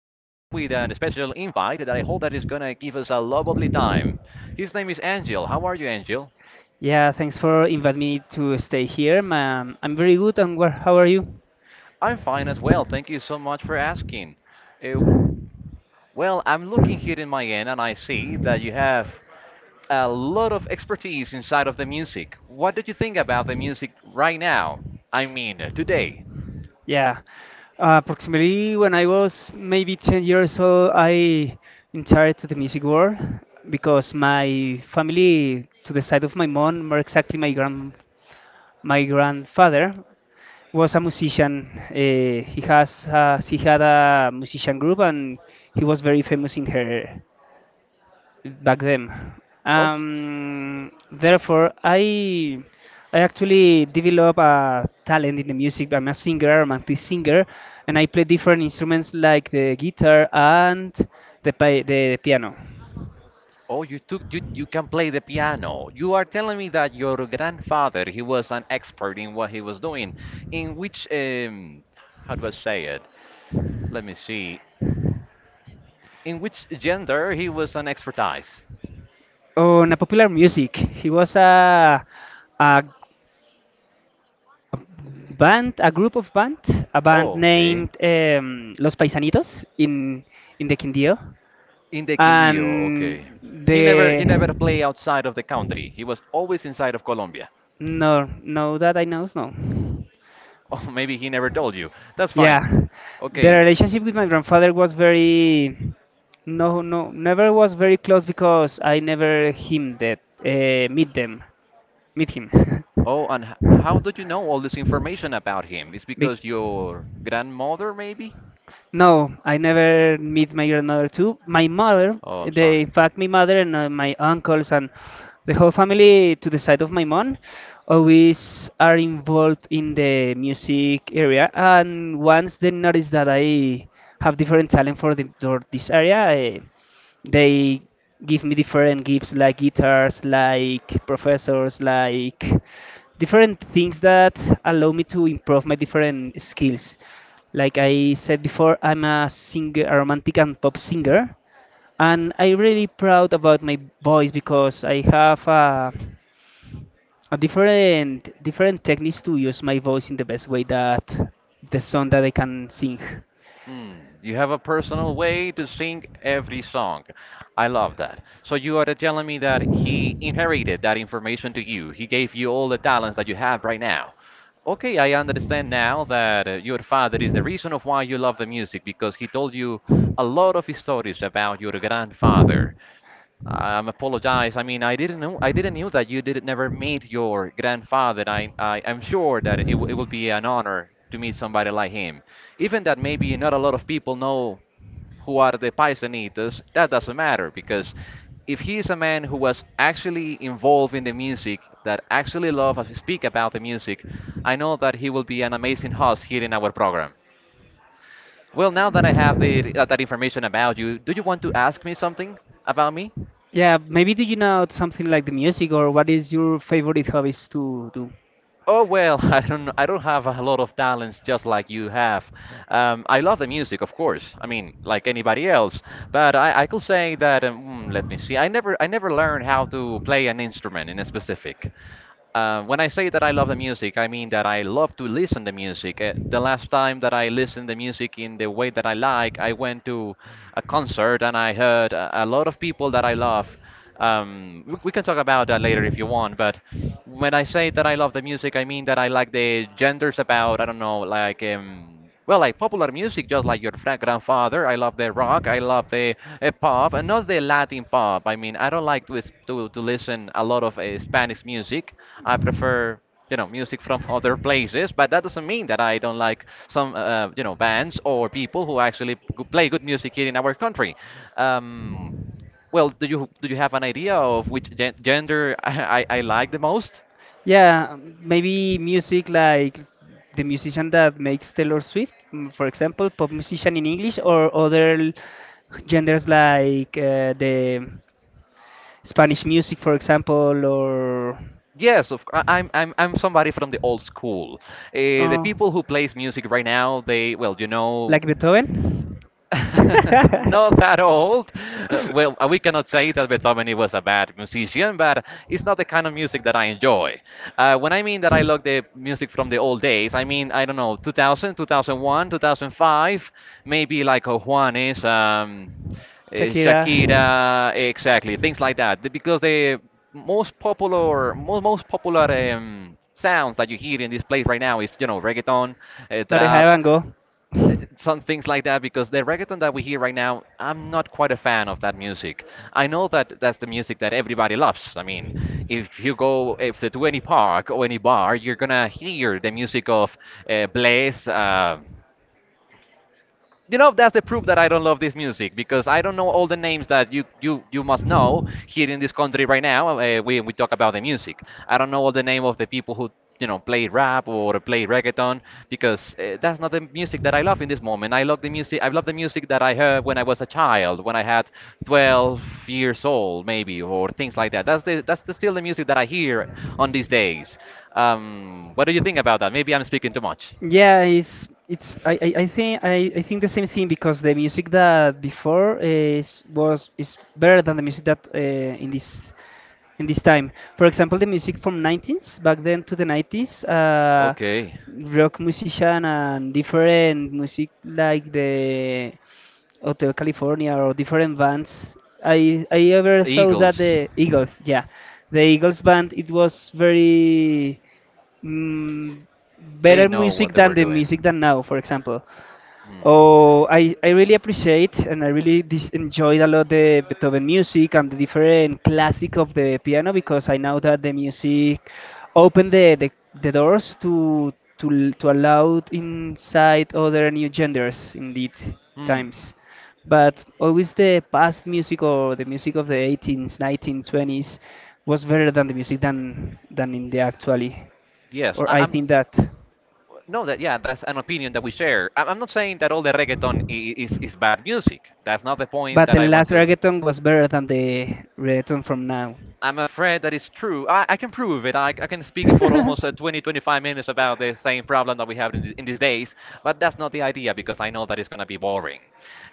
an special invite that I hope that is gonna give us a lovely time. His name is Angel. How are you, Angel? Yeah, thanks for inviting me to stay here, man. I'm very good, and how are you? I'm fine as well. Thank you so much for asking. Uh, well, I'm looking here in my end and I see that you have a lot of expertise inside of the music. What do you think about the music right now? I mean, today. Yeah, approximately when I was maybe 10 years old, I entered to the music world because my family, to the side of my mom, more exactly my grandfather, was a musician. He had a musician group, and he was very famous in her back then. Oh. Therefore, I actually develop a talent in the music. I'm a singer, I'm a romantic singer, and I play different instruments like the guitar and the piano. Oh, you can play the piano. You are telling me that your grandfather he was an expert in what he was doing. In which how do I say it? Let me see. In which gender he was an expertise? On a popular music, he was a, a band, a group of band, a band Oh, okay. named Los Paisanitos in the Quindío, In the Quindío, and okay. He never he the never played outside of the country. He was always inside of Colombia. No, no, that I know, no. Oh, maybe he never told you. That's fine. Yeah, the Okay. relationship with my grandfather was very, no, no, never was very close because I never him that meet them, meet him. Oh, and how did you know all this information about him? It's Be- because your grandmother, maybe? no, I never meet my grandmother too. My mother, Oh, I'm sorry. they, in fact, my mother and my uncles and the whole family to the side of my mom always are involved in the music area. And once they noticed that I have different talent for the for this area, they give me different gifts like guitars like professors like different things that allow me to improve my different skills, like I said before, I'm a singer, a romantic and pop singer, and I'm really proud about my voice because I have a different techniques to use my voice in the best way that the song that I can sing. Hmm. You have a personal way to sing every song. I love that. So you are telling me that he inherited that information to you. He gave you all the talents that you have right now. Okay, I understand now that your father is the reason of why you love the music because he told you a lot of stories about your grandfather. I'm apologize. I mean, I didn't know. I didn't knew that you did never meet your grandfather. I am sure that it will be an honor to meet somebody like him. Even that maybe not a lot of people know who are the Paisanitas. That doesn't matter because if he is a man who was actually involved in the music, that actually love and speak about the music, I know that he will be an amazing host here in our program. Well, now that I have that information about you, do you want to ask me something about me? Yeah, maybe do you know something like the music or what is your favorite hobbies to do? Oh well, I don't have a lot of talents just like you have. I love the music, of course. I mean, like anybody else. But I could say that let me see. I never learned how to play an instrument in a specific. When I say that I love the music, I mean that I love to listen to music. The last time that I listened to music in the way that I like, I went to a concert and I heard a lot of people that I love. We can talk about that later if you want, but when I say that I love the music, I mean that I like the genders about, I don't know, like, well, like popular music, just like your grandfather. I love the rock, I love the pop, and not the Latin pop. I mean, I don't like to listen a lot of Spanish music. I prefer you know music from other places, but that doesn't mean that I don't like some you know bands or people who actually play good music here in our country. um, well, do you have an idea of which gender I like the most? Yeah, maybe music like the musician that makes Taylor Swift, for example, pop musician in English, or other genders like the Spanish music, for example, or Yes, I'm somebody from the old school. The oh, people who plays music right now, they well, you know. like Beethoven. Not that old. We cannot say that Beethoven was a bad musician, but it's not the kind of music that I enjoy. When I mean that I love the music from the old days, I mean, I don't know, 2000, 2001, 2005, maybe like Juanes, Shakira. Shakira, exactly, things like that. Because the most popular sounds that you hear in this place right now is, you know, reggaeton, That trap, I go. Some things like that because the reggaeton that we hear right now, I'm not quite a fan of that music. I know that that's the music that everybody loves. I mean, if you go if to any park or any bar, you're gonna hear the music of Blaze. You know that's the proof that I don't love this music because I don't know all the names that you must know here in this country right now. We talk about the music. I don't know all the name of the people who you know play rap or play reggaeton because that's not the music that I love in this moment. I love the music. I love the music that I heard when I was a child, when I had 12 years old maybe or things like that. Still the music that I hear on these days. What do you think about that? Maybe I'm speaking too much. Yeah, it's I think the same thing because the music that before is better than the music that in this time. For example, the music from 90s back then to the 90s, Okay. rock musician and different music like the Hotel California or different bands. I ever thought that Eagles. the Eagles, yeah, the Eagles band it was very mm, They better know what music they than were the music doing. than now, for example. Hmm. Oh, I really appreciate and I really enjoyed a lot the Beethoven music and the different classic of the piano because I know that the music opened the doors to allow inside other new genders in these Hmm. times. But always the past music or the music of the 18s, 1920s was better than the music than in the actually. Yes, Or I think I'm. that. No, that yeah, that's an opinion that we share. I'm not saying that all the reggaeton is bad music. That's not the point But that the I last want to. reggaeton was better than the reggaeton from now. I'm afraid that is true. I can prove it. I can speak for almost 20, 25 minutes about the same problem that we have in, in these days, but that's not the idea because I know that it's going to be boring.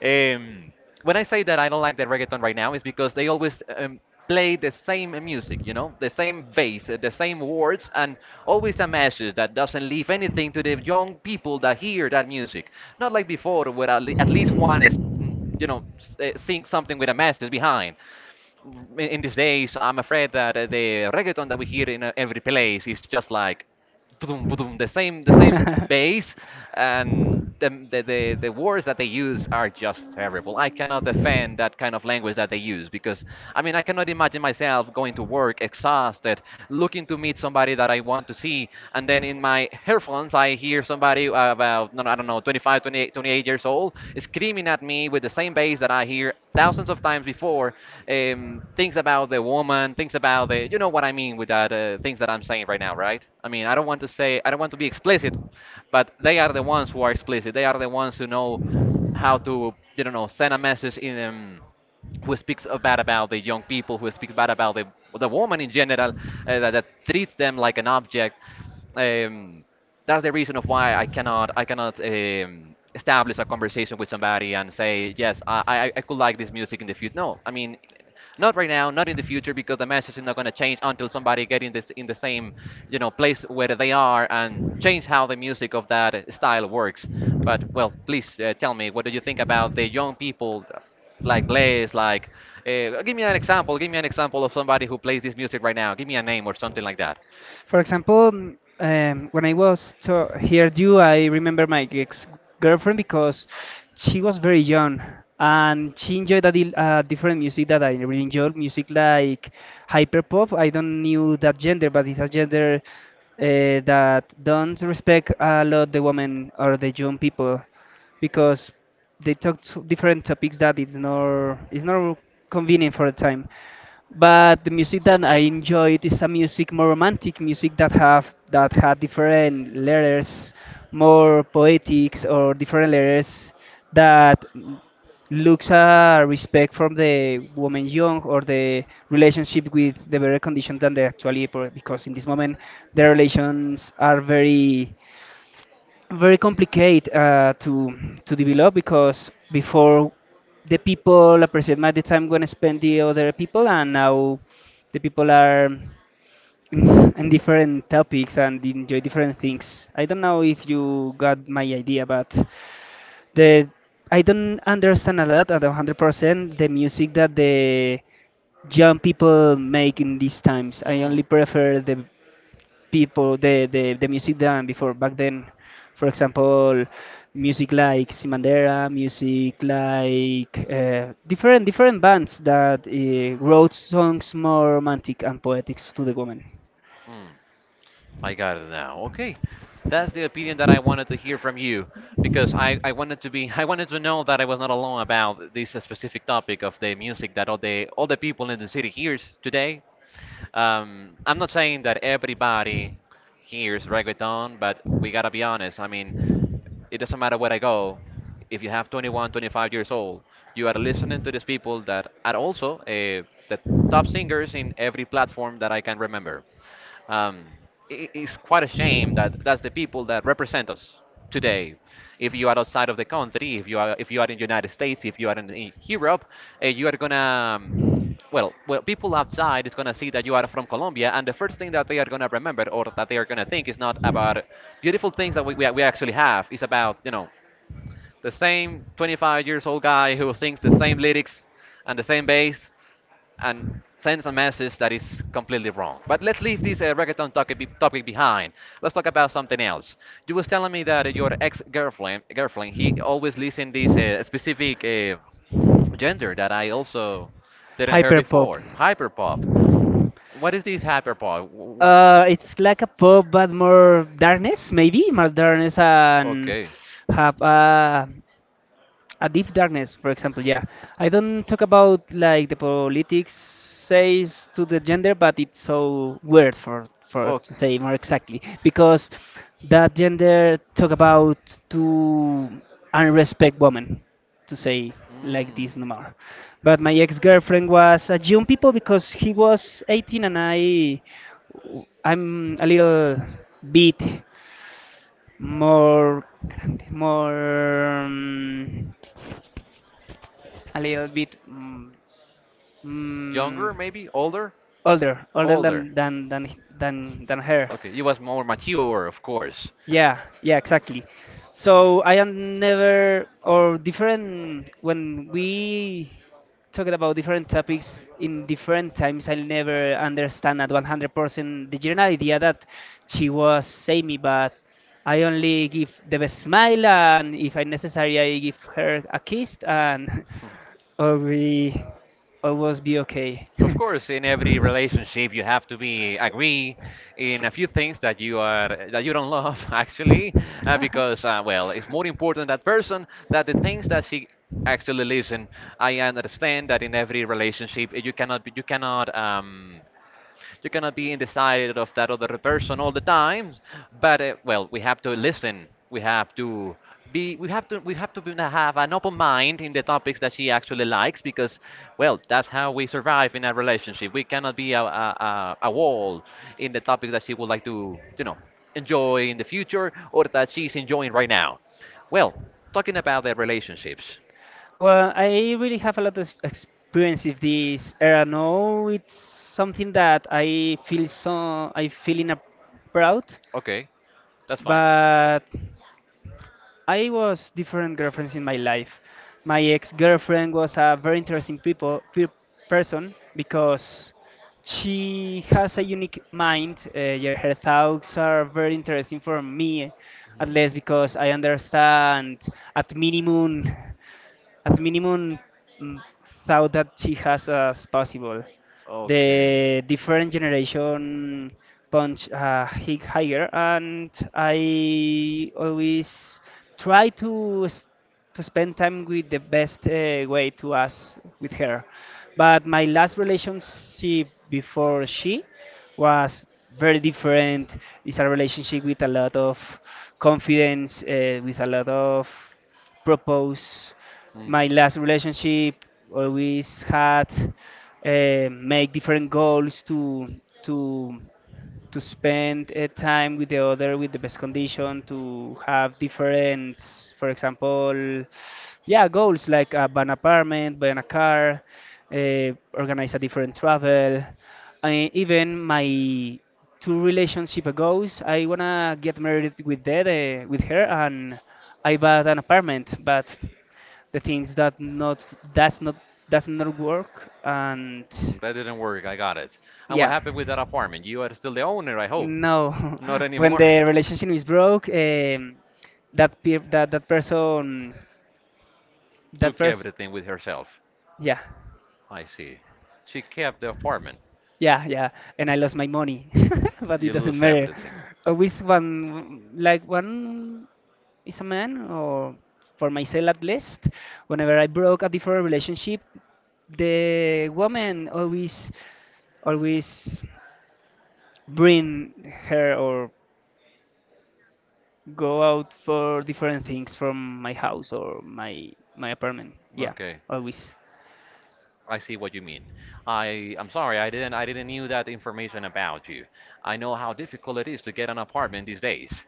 Um, when I say that I don't like the reggaeton right now, is because they always play the same music, you know, the same bass, the same words, and always a message that doesn't leave anything to the young people that hear that music. Not like before, where at least one is, you know, sing something with a message behind. In these days, I'm afraid that the reggaeton that we hear in every place is just like ba-dum, ba-dum, the same bass, and the words that they use are just terrible. I cannot defend that kind of language that they use because I mean I cannot imagine myself going to work exhausted, looking to meet somebody that I want to see, and then in my earphones I hear somebody about no, no, I don't know 25, 28, 28 years old screaming at me with the same bass that I hear thousands of times before. Things about the woman, things about the you know what I mean with that, things that I'm saying right now, right? I mean, I don't want to say, I don't want to be explicit, but they are the ones who are explicit, they are the ones who know how to you know send a message in. Who speaks bad about the young people, who speaks bad about the woman in general, that, that treats them like an object. Um, that's the reason of why I cannot establish a conversation with somebody and say yes, I, I could like this music in the future. No, I mean not right now, not in the future because the message is not going to change until somebody get in this in the same you know place where they are and change how the music of that style works. But well, please tell me, what do you think about the young people? Like plays like give me an example of somebody who plays this music right now, give me a name or something like that. For example, when I was to hear you, I remember my ex girlfriend because she was very young and she enjoyed a different music that I really enjoyed, music like hyperpop. I don't knew that gender, but it's a gender that don't respect a lot the women or the young people because they talk to different topics that it's not convenient for the time. But the music that I enjoy it is a music more romantic music that had different letters, more poetics or different letters that looks a respect from the woman young or the relationship with the better condition than the actually because in this moment the relations are very very complicated to develop because before the people appreciate my the time gonna spend the other people, and now the people are in different topics and enjoy different things. I don't know if you got my idea, but the I don't understand a lot at 100% the music that the young people make in these times. I Mm. only prefer the music done before back then. For example, music like Simandera, music like different bands that wrote songs more romantic and poetic to the woman. Mm, I got it now. Okay. That's the opinion that I wanted to hear from you because I wanted to be I wanted to know that I was not alone about this specific topic of the music that all the people in the city hears today. I'm not saying that everybody hears reggaeton, but we gotta be honest. I mean, it doesn't matter where I go. If you have 21, 25 years old, you are listening to these people that are also the top singers in every platform that I can remember. Um, it's quite a shame that that's the people that represent us today. If you are outside of the country, if you are in the United States, if you are in Europe, you are gonna well, people outside is gonna see that you are from Colombia, and the first thing that they are gonna remember or that they are gonna think is not about beautiful things that we actually have. It's about the same 25 years old guy who sings the same lyrics and the same bass and sends a message that is completely wrong. But let's leave this reggaeton topic, topic behind. Let's talk about something else. You was telling me that your ex-girlfriend, girlfriend, he always listen this specific gender that I also didn't hear Hyperpop. before, hyperpop. What is this hyperpop? It's like a pop, but more darkness, maybe more darkness and Okay. have a A deep darkness, for example, yeah. I don't talk about like the politics says to the gender, but it's so weird for Oh, to say more exactly because that gender talk about to unrespect women, to say like this no mm, more. But my ex-girlfriend was a young people because he was 18, and I'm a little bit more grande, more. A little bit mm, younger maybe, older, older older. Than h- than her. Okay, you was more mature, of course. Yeah, yeah, exactly. So I am never or different when we talked about different topics in different times. I'll never understand at 100% the general idea that she was Amy, but I only give the best smile, and if I necessary, I give her a kiss, and or we always be okay. Of course, in every relationship, you have to be agree in a few things that you are that you don't love, actually, because well, it's more important that person that the things that she actually listen. I understand that in every relationship, you cannot be undecided of that other person all the time, but well, we have to listen. We have to be. We have to. We have to be, have an open mind in the topics that she actually likes, because well, that's how we survive in a relationship. We cannot be a wall in the topics that she would like to enjoy in the future or that she's enjoying right now. Well, talking about the relationships. Well, I really have a lot of experience with this era now. It's something that I feel in a proud, Okay, that's fine. but I was different girlfriends in my life. My ex-girlfriend was a very interesting person because she has a unique mind. Yeah, her thoughts are very interesting for me, at least because I understand at minimum at minimum mm, thought that she has as possible. The different generation punch higher, and I always try to spend time with the best way to us with her. But my last relationship before she was very different. It's a relationship with a lot of confidence, with a lot of propose. My last relationship always had make different goals to to spend time with the other with the best condition to have different, for example, yeah, goals like buy an apartment, buy a car, organize a different travel. I, even my two relationship goals, I wanna get married with that with her, and I bought an apartment, but the things that not does not does not work, and Mm, that didn't work. I got it. And what yeah, happened with that apartment? You are still the owner, I hope. no. Not When anymore. the relationship is broke, that person, that Took person, everything with herself. yeah, I see. She kept the apartment. yeah, yeah, and I lost my money. But it You doesn't lose matter. everything. With one, like one is a man, or for myself at least, whenever I broke a different relationship, the woman always always bring her or go out for different things from my house or my apartment. Yeah, Okay. always. I see what you mean. I'm sorry, I didn't knew that information about you. I know how difficult it is to get an apartment these days.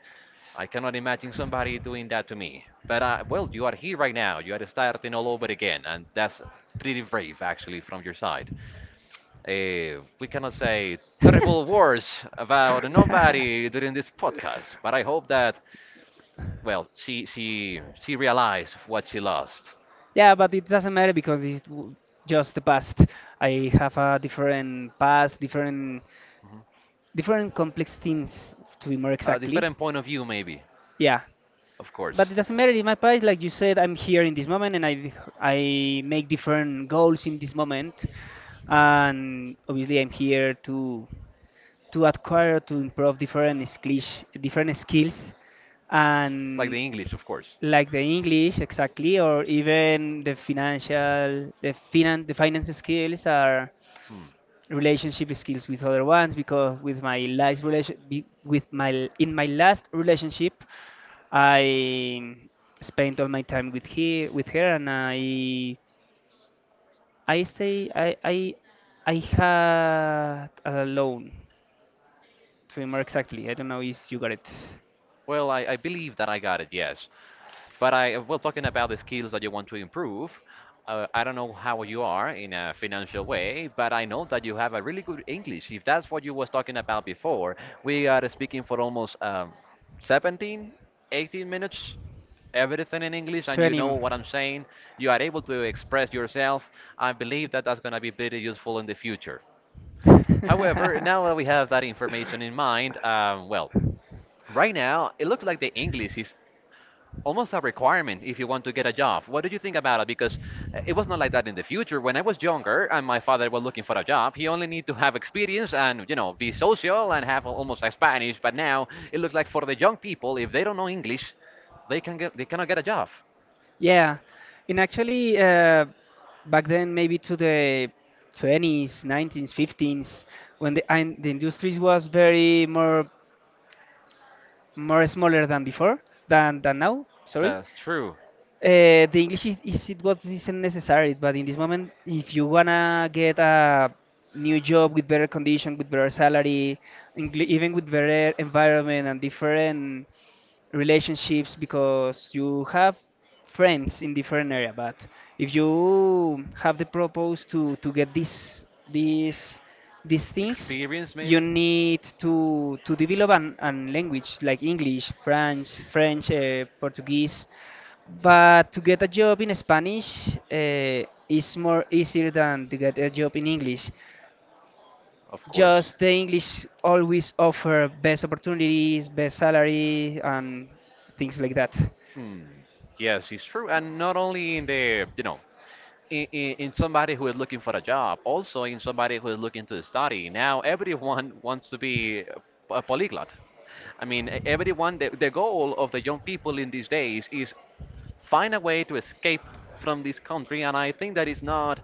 I cannot imagine somebody doing that to me. But well, you are here right now. You are starting all over again, and that's pretty brave actually from your side. We cannot say terrible words about nobody during this podcast, but I hope that well, she realized what she lost. Yeah, but it doesn't matter because just the past. I have a different past, different complex things to be more A exactly. different point of view, maybe, Yeah, of but course. it doesn't matter in my past. Like you said, I'm here in this moment, and I make different goals in this moment, and obviously I'm here to acquire to improve different skills, Like and the English, of course. like the English exactly, or even the finance skills are Hmm. relationship skills with other ones because with my last relation be- with my in my last relationship I spent all my time with he with her, and I stay I had alone to be more exactly. I don't know if you got it. Well, I believe that I got it, yes. But I, well, talking about the skills that you want to improve, I don't know how you are in a financial way, but I know that you have a really good English. If that's what you was talking about before, we are speaking for almost 17, 18 minutes, everything in English, and you 20 know what I'm saying. You are able to express yourself. I believe that that's going to be pretty useful in the future. However, now that we have that information in mind, well, right now, it looks like the English is almost a requirement if you want to get a job. What do you think about it? Because it was not like that in the future. When I was younger and my father was looking for a job, he only need to have experience and be social and have almost like Spanish. But now it looks like for the young people, if they don't know English, they cannot get a job. Yeah, and actually, back then, maybe to the 20s, 19s, 15s, when the industries was very more smaller than before than now. Sorry, That's true. The English is it what isn't necessary, but in this moment, if you wanna get a new job with better condition, with better salary, even with better environment and different relationships, because you have friends in different area. But if you have the purpose to get these things, Experience you maybe. need to develop an language like English, French, Portuguese, but to get a job in Spanish is more easier than to get a job in English. Of course. Just the English always offer best opportunities, best salary, and things like that. Hmm. Yes, it's true, and not only in the in somebody who is looking for a job, also in somebody who is looking to study. Now everyone wants to be a polyglot. I mean, everyone. The goal of the young people in these days is find a way to escape from this country, and I think that is not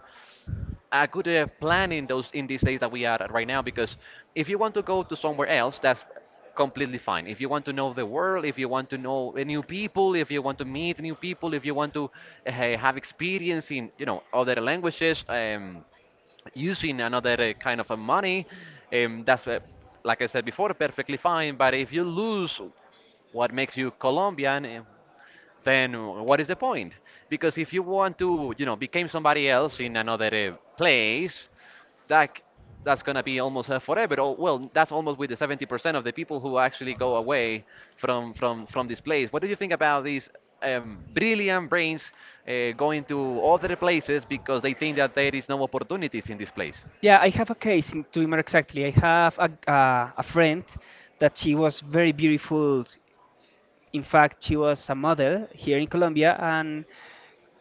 a good plan in those in these days that we are at right now, because if you want to go to somewhere else, that's completely fine if you want to know the world, if you want to know new people, if you want to meet new people, if you want to hey, have experience in other languages, using another kind of a money, that's like I said before, perfectly fine. But if you lose what makes you Colombian, then what is the point? Because if you want to, you know, become somebody else in another place, that that's gonna be almost forever. Oh, well, that's almost with the 70% of the people who actually go away from this place. What do you think about these brilliant brains going to other places because they think that there is no opportunities in this place? Yeah, I have a case to be more exactly. I have a friend that she was very beautiful. In fact, she was a model here in Colombia, and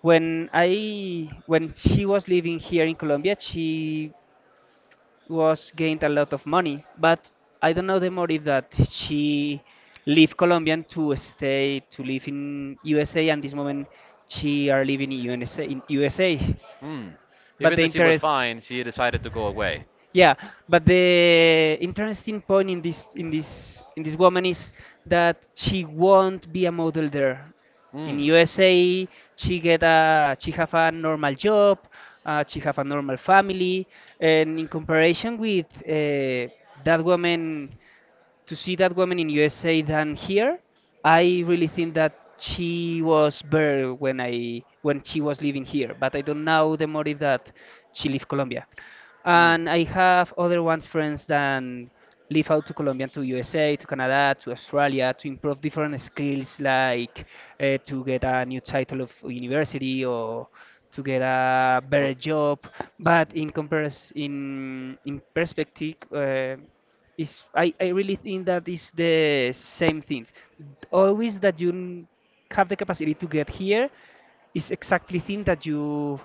when she was living here in Colombia, she was gained a lot of money, but I don't know the motive that she leave Colombian to stay to live in USA, and this moment she are living in USA. In USA. Hmm. But Even the though she was interest, fine, she decided to go away. yeah, but the interesting point in this woman is that she won't be a model there. In USA, she get a she have a normal job, she have a normal family, and in comparison with that woman to see that woman in USA than here. I really think that she was better when I when she was living here, but I don't know the motive that she left Colombia. And I have other ones friends than leave out to Colombia, to USA, to Canada, to Australia to improve different skills like to get a new title of university or to get a better Ot- job. But in compares in perspective, I really think that is the same things. Always that have the capacity to get here is exactly thing that you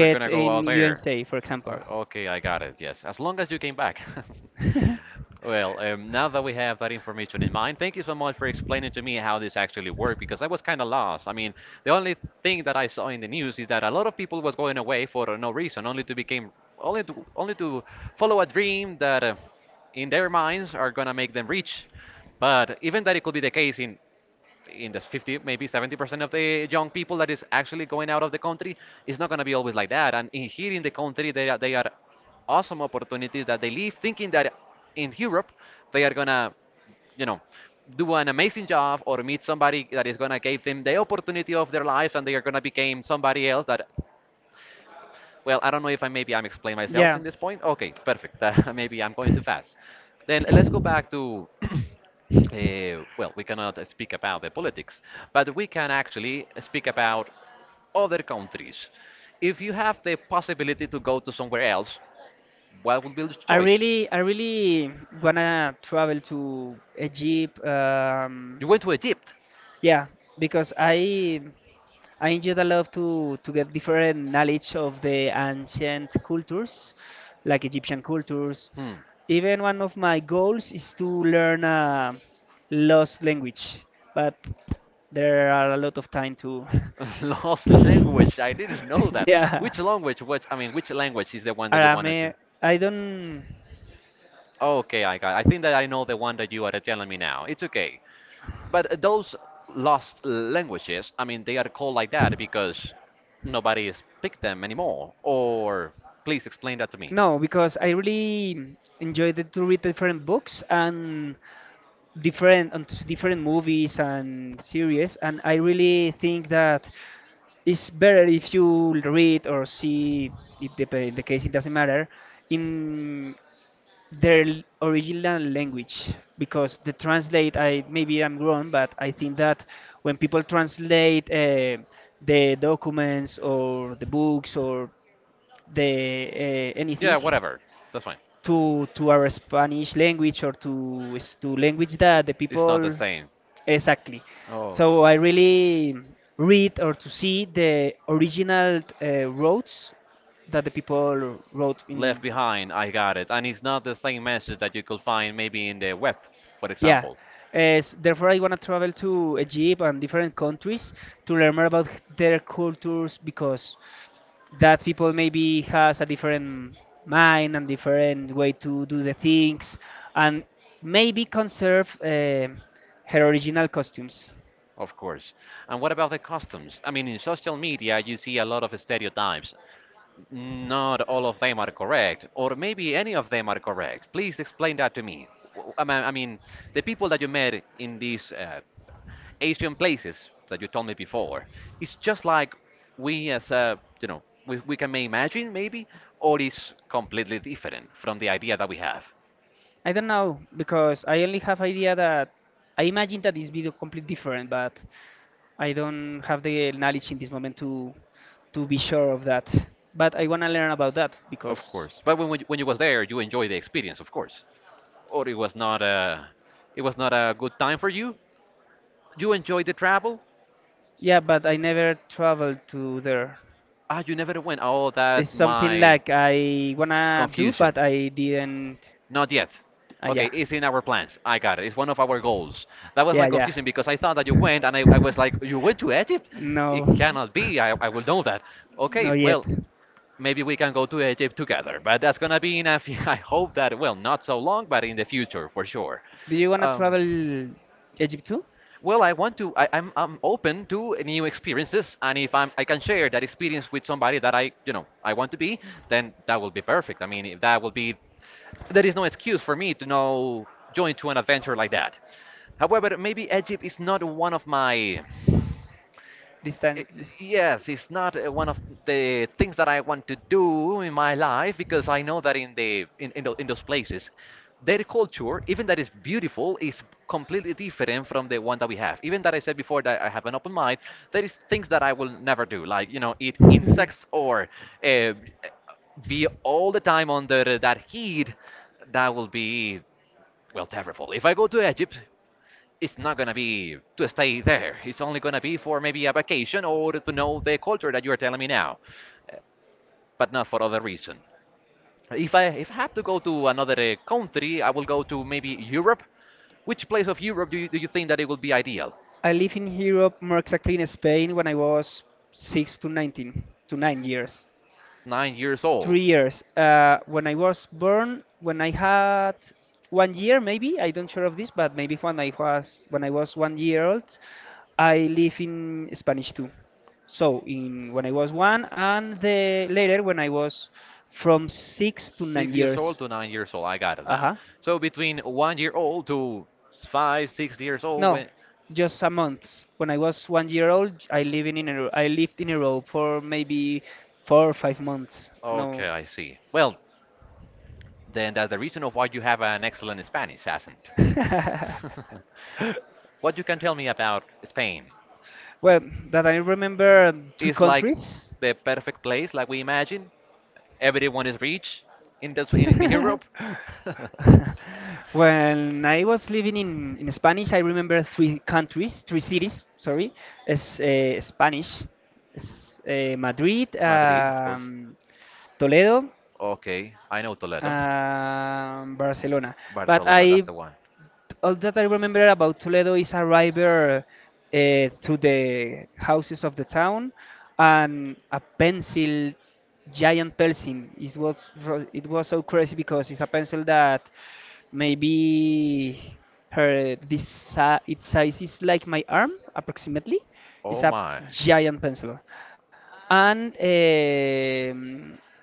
We're gonna go in out there. USA, for Uh, example. Okay, I got it. Yes, as long as you came back. Well, now that we have that information in mind, thank you so much for explaining to me how this actually worked, because I was kind of lost. I mean, the only thing that I saw in the news is that a lot of people was going away for no reason, only to become only to follow a dream that in their minds are gonna make them rich. But even that it could be the case in the 50 maybe 70% of the young people that is actually going out of the country, it's not going to be always like that, and in here in the country they are awesome opportunities that they leave thinking that in Europe they are going to you know do an amazing job, or meet somebody that is going to give them the opportunity of their lives, and they are going to become somebody else that well, I don't know if I'm explain myself Yeah. in this point. Okay, perfect. Maybe I'm going too fast. Then let's go back to well, we cannot speak about the politics, but we can actually speak about other countries. If you have the possibility to go to somewhere else, what would be the choice? I really wanna travel to Egypt. You went to Egypt. Yeah, because I enjoyed a lot to get different knowledge of the ancient cultures, like Egyptian cultures. Hmm. Even one of my goals is to learn a lost language, but there are a lot of time to. Lost language. I didn't know that. Yeah. Which language? Which I mean, which language is the one that you wanted to? Arame, I don't Okay, I got. I think that I know the one that you are telling me now. It's okay. But those lost languages, I mean, they are called like that because nobody speak them anymore. Or please explain that to me. know because I really enjoyed it to read different books and different onto different movies and series, and I really think that it's better if you read or see, it depend the case, it doesn't matter, in their original language because the translate, I maybe I'm wrong, but I think that when people translate the documents or the books or the Yeah, anything whatever. That's fine. To our Spanish language or to to language that the It's people. not the same. Exactly. Oh. So I really read or to see the original s- roads that the people wrote in. Left Behind, I got it. And it's not the same message that you could find maybe in the web, for Yeah. example. As therefore, I want to travel to Egypt and different countries to learn more about their cultures because that people maybe has a different mind and different way to do the things, and maybe conserve her original costumes. Of course. And what about the customs? I mean, in social media, you see a lot of stereotypes. Not all of them are correct, or maybe any of them are correct. Please explain that to me. I mean, the people that you met in these Asian places that you told me before, it's just like we as a, you know, we can may imagine maybe, or it's completely different from the idea that we have. I don't know because I only have idea that I imagine that this video completely different, but I don't have the knowledge in this moment to be sure of that. But I wanna learn about that Of because, course. But when you was there, you enjoy the experience, of course. Or it was not a good time for you. You enjoyed the travel. yeah, but I never traveled to there. Ah, you never went. Oh, It's that's something my like I wanna do, confusion. but I didn't. Not yet. Okay, Yeah. it's in our plans. I got it. It's one of our goals. That was my Yeah, yeah. confusion because I thought that you went and I was like, you went to Egypt? It No. cannot be. I will know that. Okay, Not yet. well, maybe we can go to Egypt together. But that's gonna be in a few, I hope that, well, not so long, but in the future for sure. Do you wanna Um, travel Egypt too well, I want to. I'm open to new experiences, and if I can share that experience with somebody that I I want to be, then that will be perfect. I mean, if that will be. There is no excuse for me to now join to an adventure like that. However, maybe Egypt is not one of my this I- time? This yes, it's not one of the things that I want to do in my life, because I know that in the in, tho- in those places, their culture, even that is beautiful, is completely different from the one that we have. Even that I said before that I have an open mind, there is things that I will never do, like you know, eat insects or uh, be all the time under that heat. That will be well terrible. If I go to Egypt, it's not gonna be to stay there. It's only gonna be for maybe a vacation or to know the culture that you are telling me now, but not for other reason. If I have to go to another country, I will go to maybe Europe. Which place of Europe do do you think that it would be ideal? I live in Europe, more exactly in Spain, when I was six to nineteen to nine years. 9 years old. Three years. When I was born, when I had one year, maybe I don't sure of this, but maybe when I was one year old, I live in Spanish too. So in when I was one, and the later when I was from six to nine Six years old years. to nine years old. I got it Uh now. huh. So between one year old to five, six years old. No, No, When just a month. When I was one year old, I live I lived in a row for maybe four or five months. No. okay, I see. Well, then that's the reason of why you have an excellent Spanish accent. What you can tell me about Spain? Well, that I remember three It's like countries. the perfect place, like we imagine. Everyone is rich in Europe. When I was living in Spanish, I remember three countries, three cities, sorry, as Spanish. Madrid, Madrid, of course. Toledo, Okay, I know Toledo. Barcelona. But Barcelona, that's I the one. all that I remember about Toledo is a river through the houses of the town, and a pencil, giant pencil. It was it was so crazy because it's a pencil that maybe its size is like my arm approximately. It's Oh a my. giant pencil, and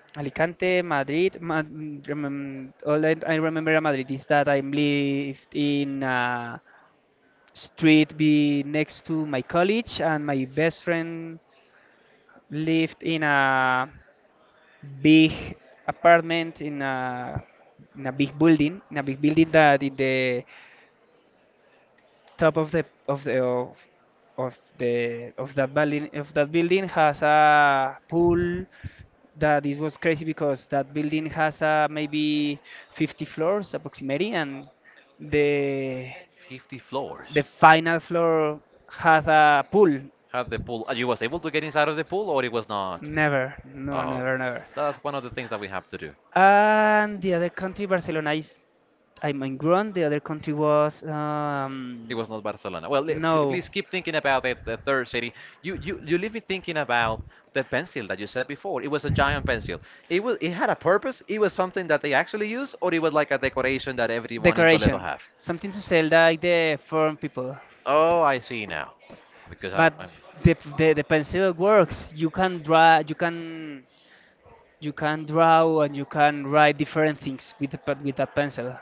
Alicante, Madrid. All I remember in Madrid is that I lived in a street be next to my college, and my best friend lived in a big apartment in a big building, in a big building that in the top of the of the of that building has a pool that it was crazy because that building has maybe 50 floors approximately and the 50 floors. the final floor had a pool. Had the pool. You was able to get inside of the pool or it was not? Never, no, Oh, never, never. that's one of the things that we have to do. And the other country Barcelona is, I mean, grown the other country was, It um, was not Barcelona. Well, no, please keep thinking about it, the third city. You leave me thinking about the pencil that you said before. It was a giant pencil. It was, it had a purpose. It was something that they actually used, or it was like a decoration that everyone in Toledo decoration, have. something to sell like the foreign people. Oh, I see now. Because I'm, But I'm. The pencil works. You can draw. You can draw and you can write different things with the, with that pencil.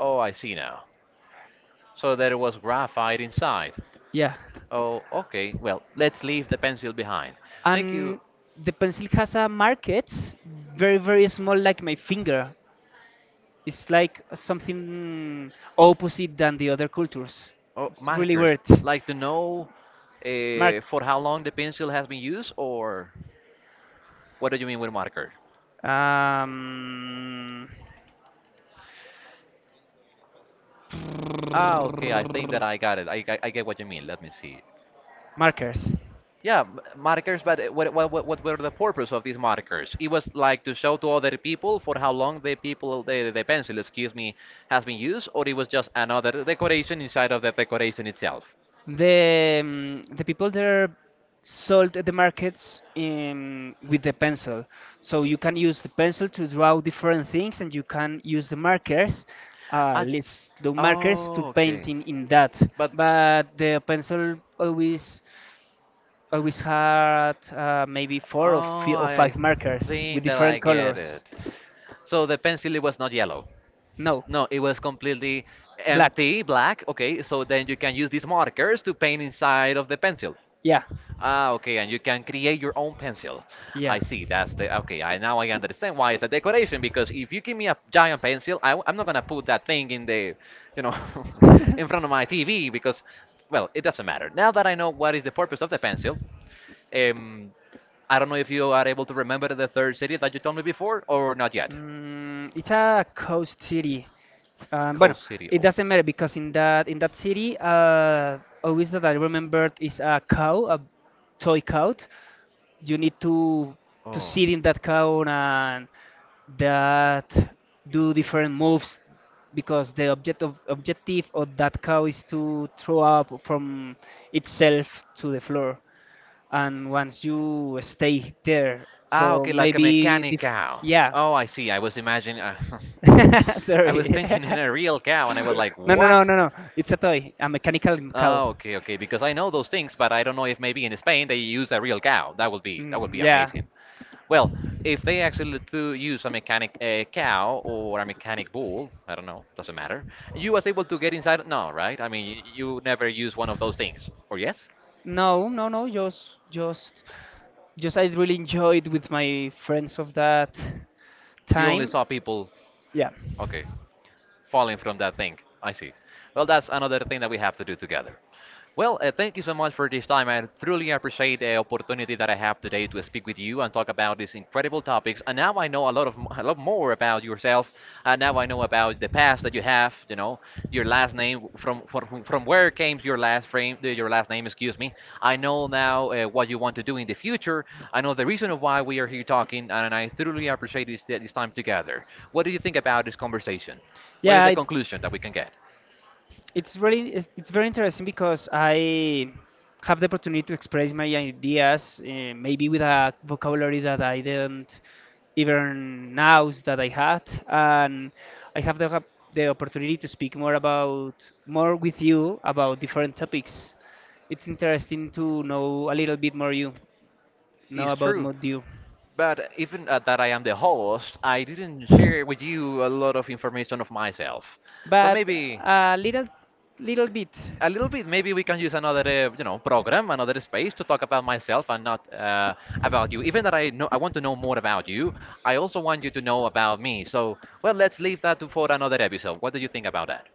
Oh, I see now. So there was graphite inside. Yeah, Oh, okay. Well, let's leave the pencil behind. Thank you. and the pencil has a markets, very small, like my finger. It's like something opposite than the other cultures. Oh, It's really markers. weird. Like to know Mark, for how long the pencil has been used, or what do you mean with marker? um, Ah, okay. I think that I got it. I get what you mean. Let me see. markers. Yeah, markers. But uh, what were the purpose of these markers? It was like to show to other people for how long the people the pencil, excuse me, has been used, or it was just another decoration inside of the decoration itself. The people there sold the markets in with the pencil. So you can use the pencil to draw different things, and you can use the markers, Ah, list the markers to oh, okay. paint in that. But But the pencil always had maybe four or, oh, fi or I five markers with think that I different get it. colors. So the pencil it was not yellow. No, No, it was completely black. empty, black. Okay, so then you can use these markers to paint inside of the pencil. Yeah, Ah, okay, and you can create your own pencil. yeah. I see. That's the okay. I now I understand why it's a decoration because if you give me a giant pencil, I am not gonna put that thing in the, you know, in front of my TV because, well, it doesn't matter. Now that I know what is the purpose of the pencil, um, I don't know if you are able to remember the third city that you told me before or not yet. Mm, it's a coast city. Bueno, Coast City. it Oh. doesn't matter because in that city, always that I remembered is a cow, a toy cow. You need to Oh. sit in that cow and that do different moves because the objective of that cow is to throw up from itself to the floor, and once you stay there Ah, for okay, like a maybe mechanic cow. yeah. Oh, I see. I was imagining. I was Sorry. thinking in a real cow, and I was like, No, no, no, what? no, no, it's a toy, a mechanical Oh, cow. okay, okay. Because I know those things, but I don't know if maybe in Spain they use a real cow. That would be that would Mm, be yeah. amazing. Well, if they actually do use a mechanic cow or a mechanic bull, I don't know, doesn't matter. You was able to get inside? No, right? I mean, you never use one of those things, or yes? No, no, no. Just. I really enjoyed with my friends of that You only time. saw people. Yeah, Okay, falling from that thing. I see. Well, that's another thing that we have to do together. Well, thank you so much for this time. I truly appreciate the opportunity that I have today to speak with you and talk about these incredible topics. And now I know a lot more about yourself. And now I know about the past that you have. You know, your last name from where came your last frame, your last name. Excuse me. I know now what you want to do in the future. I know the reason of why we are here talking, and I truly appreciate this time together. What do you think about this conversation? What is yeah. the conclusion that we can get? It's very interesting because I have the opportunity to express my ideas maybe with a vocabulary that I didn't even know that I had, and I have the opportunity to speak more about more with you about different topics. It's interesting to know a little bit more you know It's about true. more you, But even that I am the host, I didn't share with you a lot of information of myself. So but maybe a little little bit. a little bit, maybe we can use another, program, another space to talk about myself and not about you. Even that I know, I want to know more about you. I also want you to know about me. So, well, let's leave that to for another episode. What do you think about that?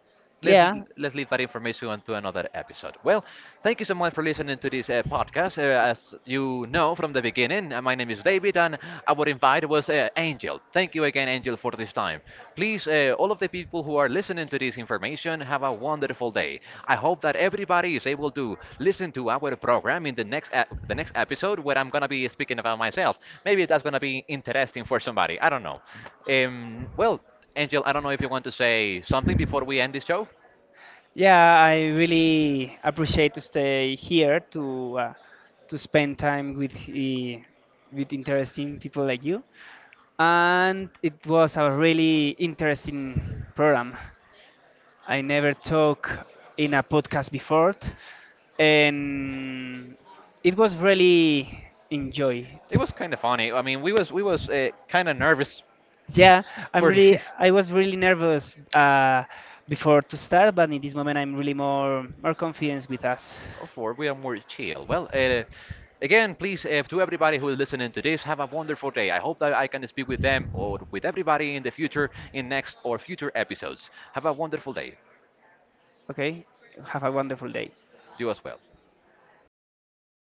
let's Yeah, let's leave that information on to another episode. Well, thank you so much for listening to this podcast. As you know from the beginning, my name is David, and our invite was Angel. Thank you again, Angel, for this time. Please, all of the people who are listening to this information, have a wonderful day. I hope that everybody is able to listen to our program in the next episode, where I'm gonna be speaking about myself. Maybe that's gonna be interesting for somebody. I don't know. Um, well. Angel, I don't know if you want to say something before we end this show. yeah, I really appreciate to stay here to spend time with interesting people like you. And it was a really interesting program. I never talked in a podcast before, and it was really enjoyed. It was kind of funny. I mean, we was kind of nervous Yeah, for this. I was really nervous before to start, but in this moment I'm really more confident with us. Of course, we are more chill. Well, again, please, to everybody who is listening to this, have a wonderful day. I hope that I can speak with them or with everybody in the future in next or future episodes. Have a wonderful day. Okay, have a wonderful day. You as well.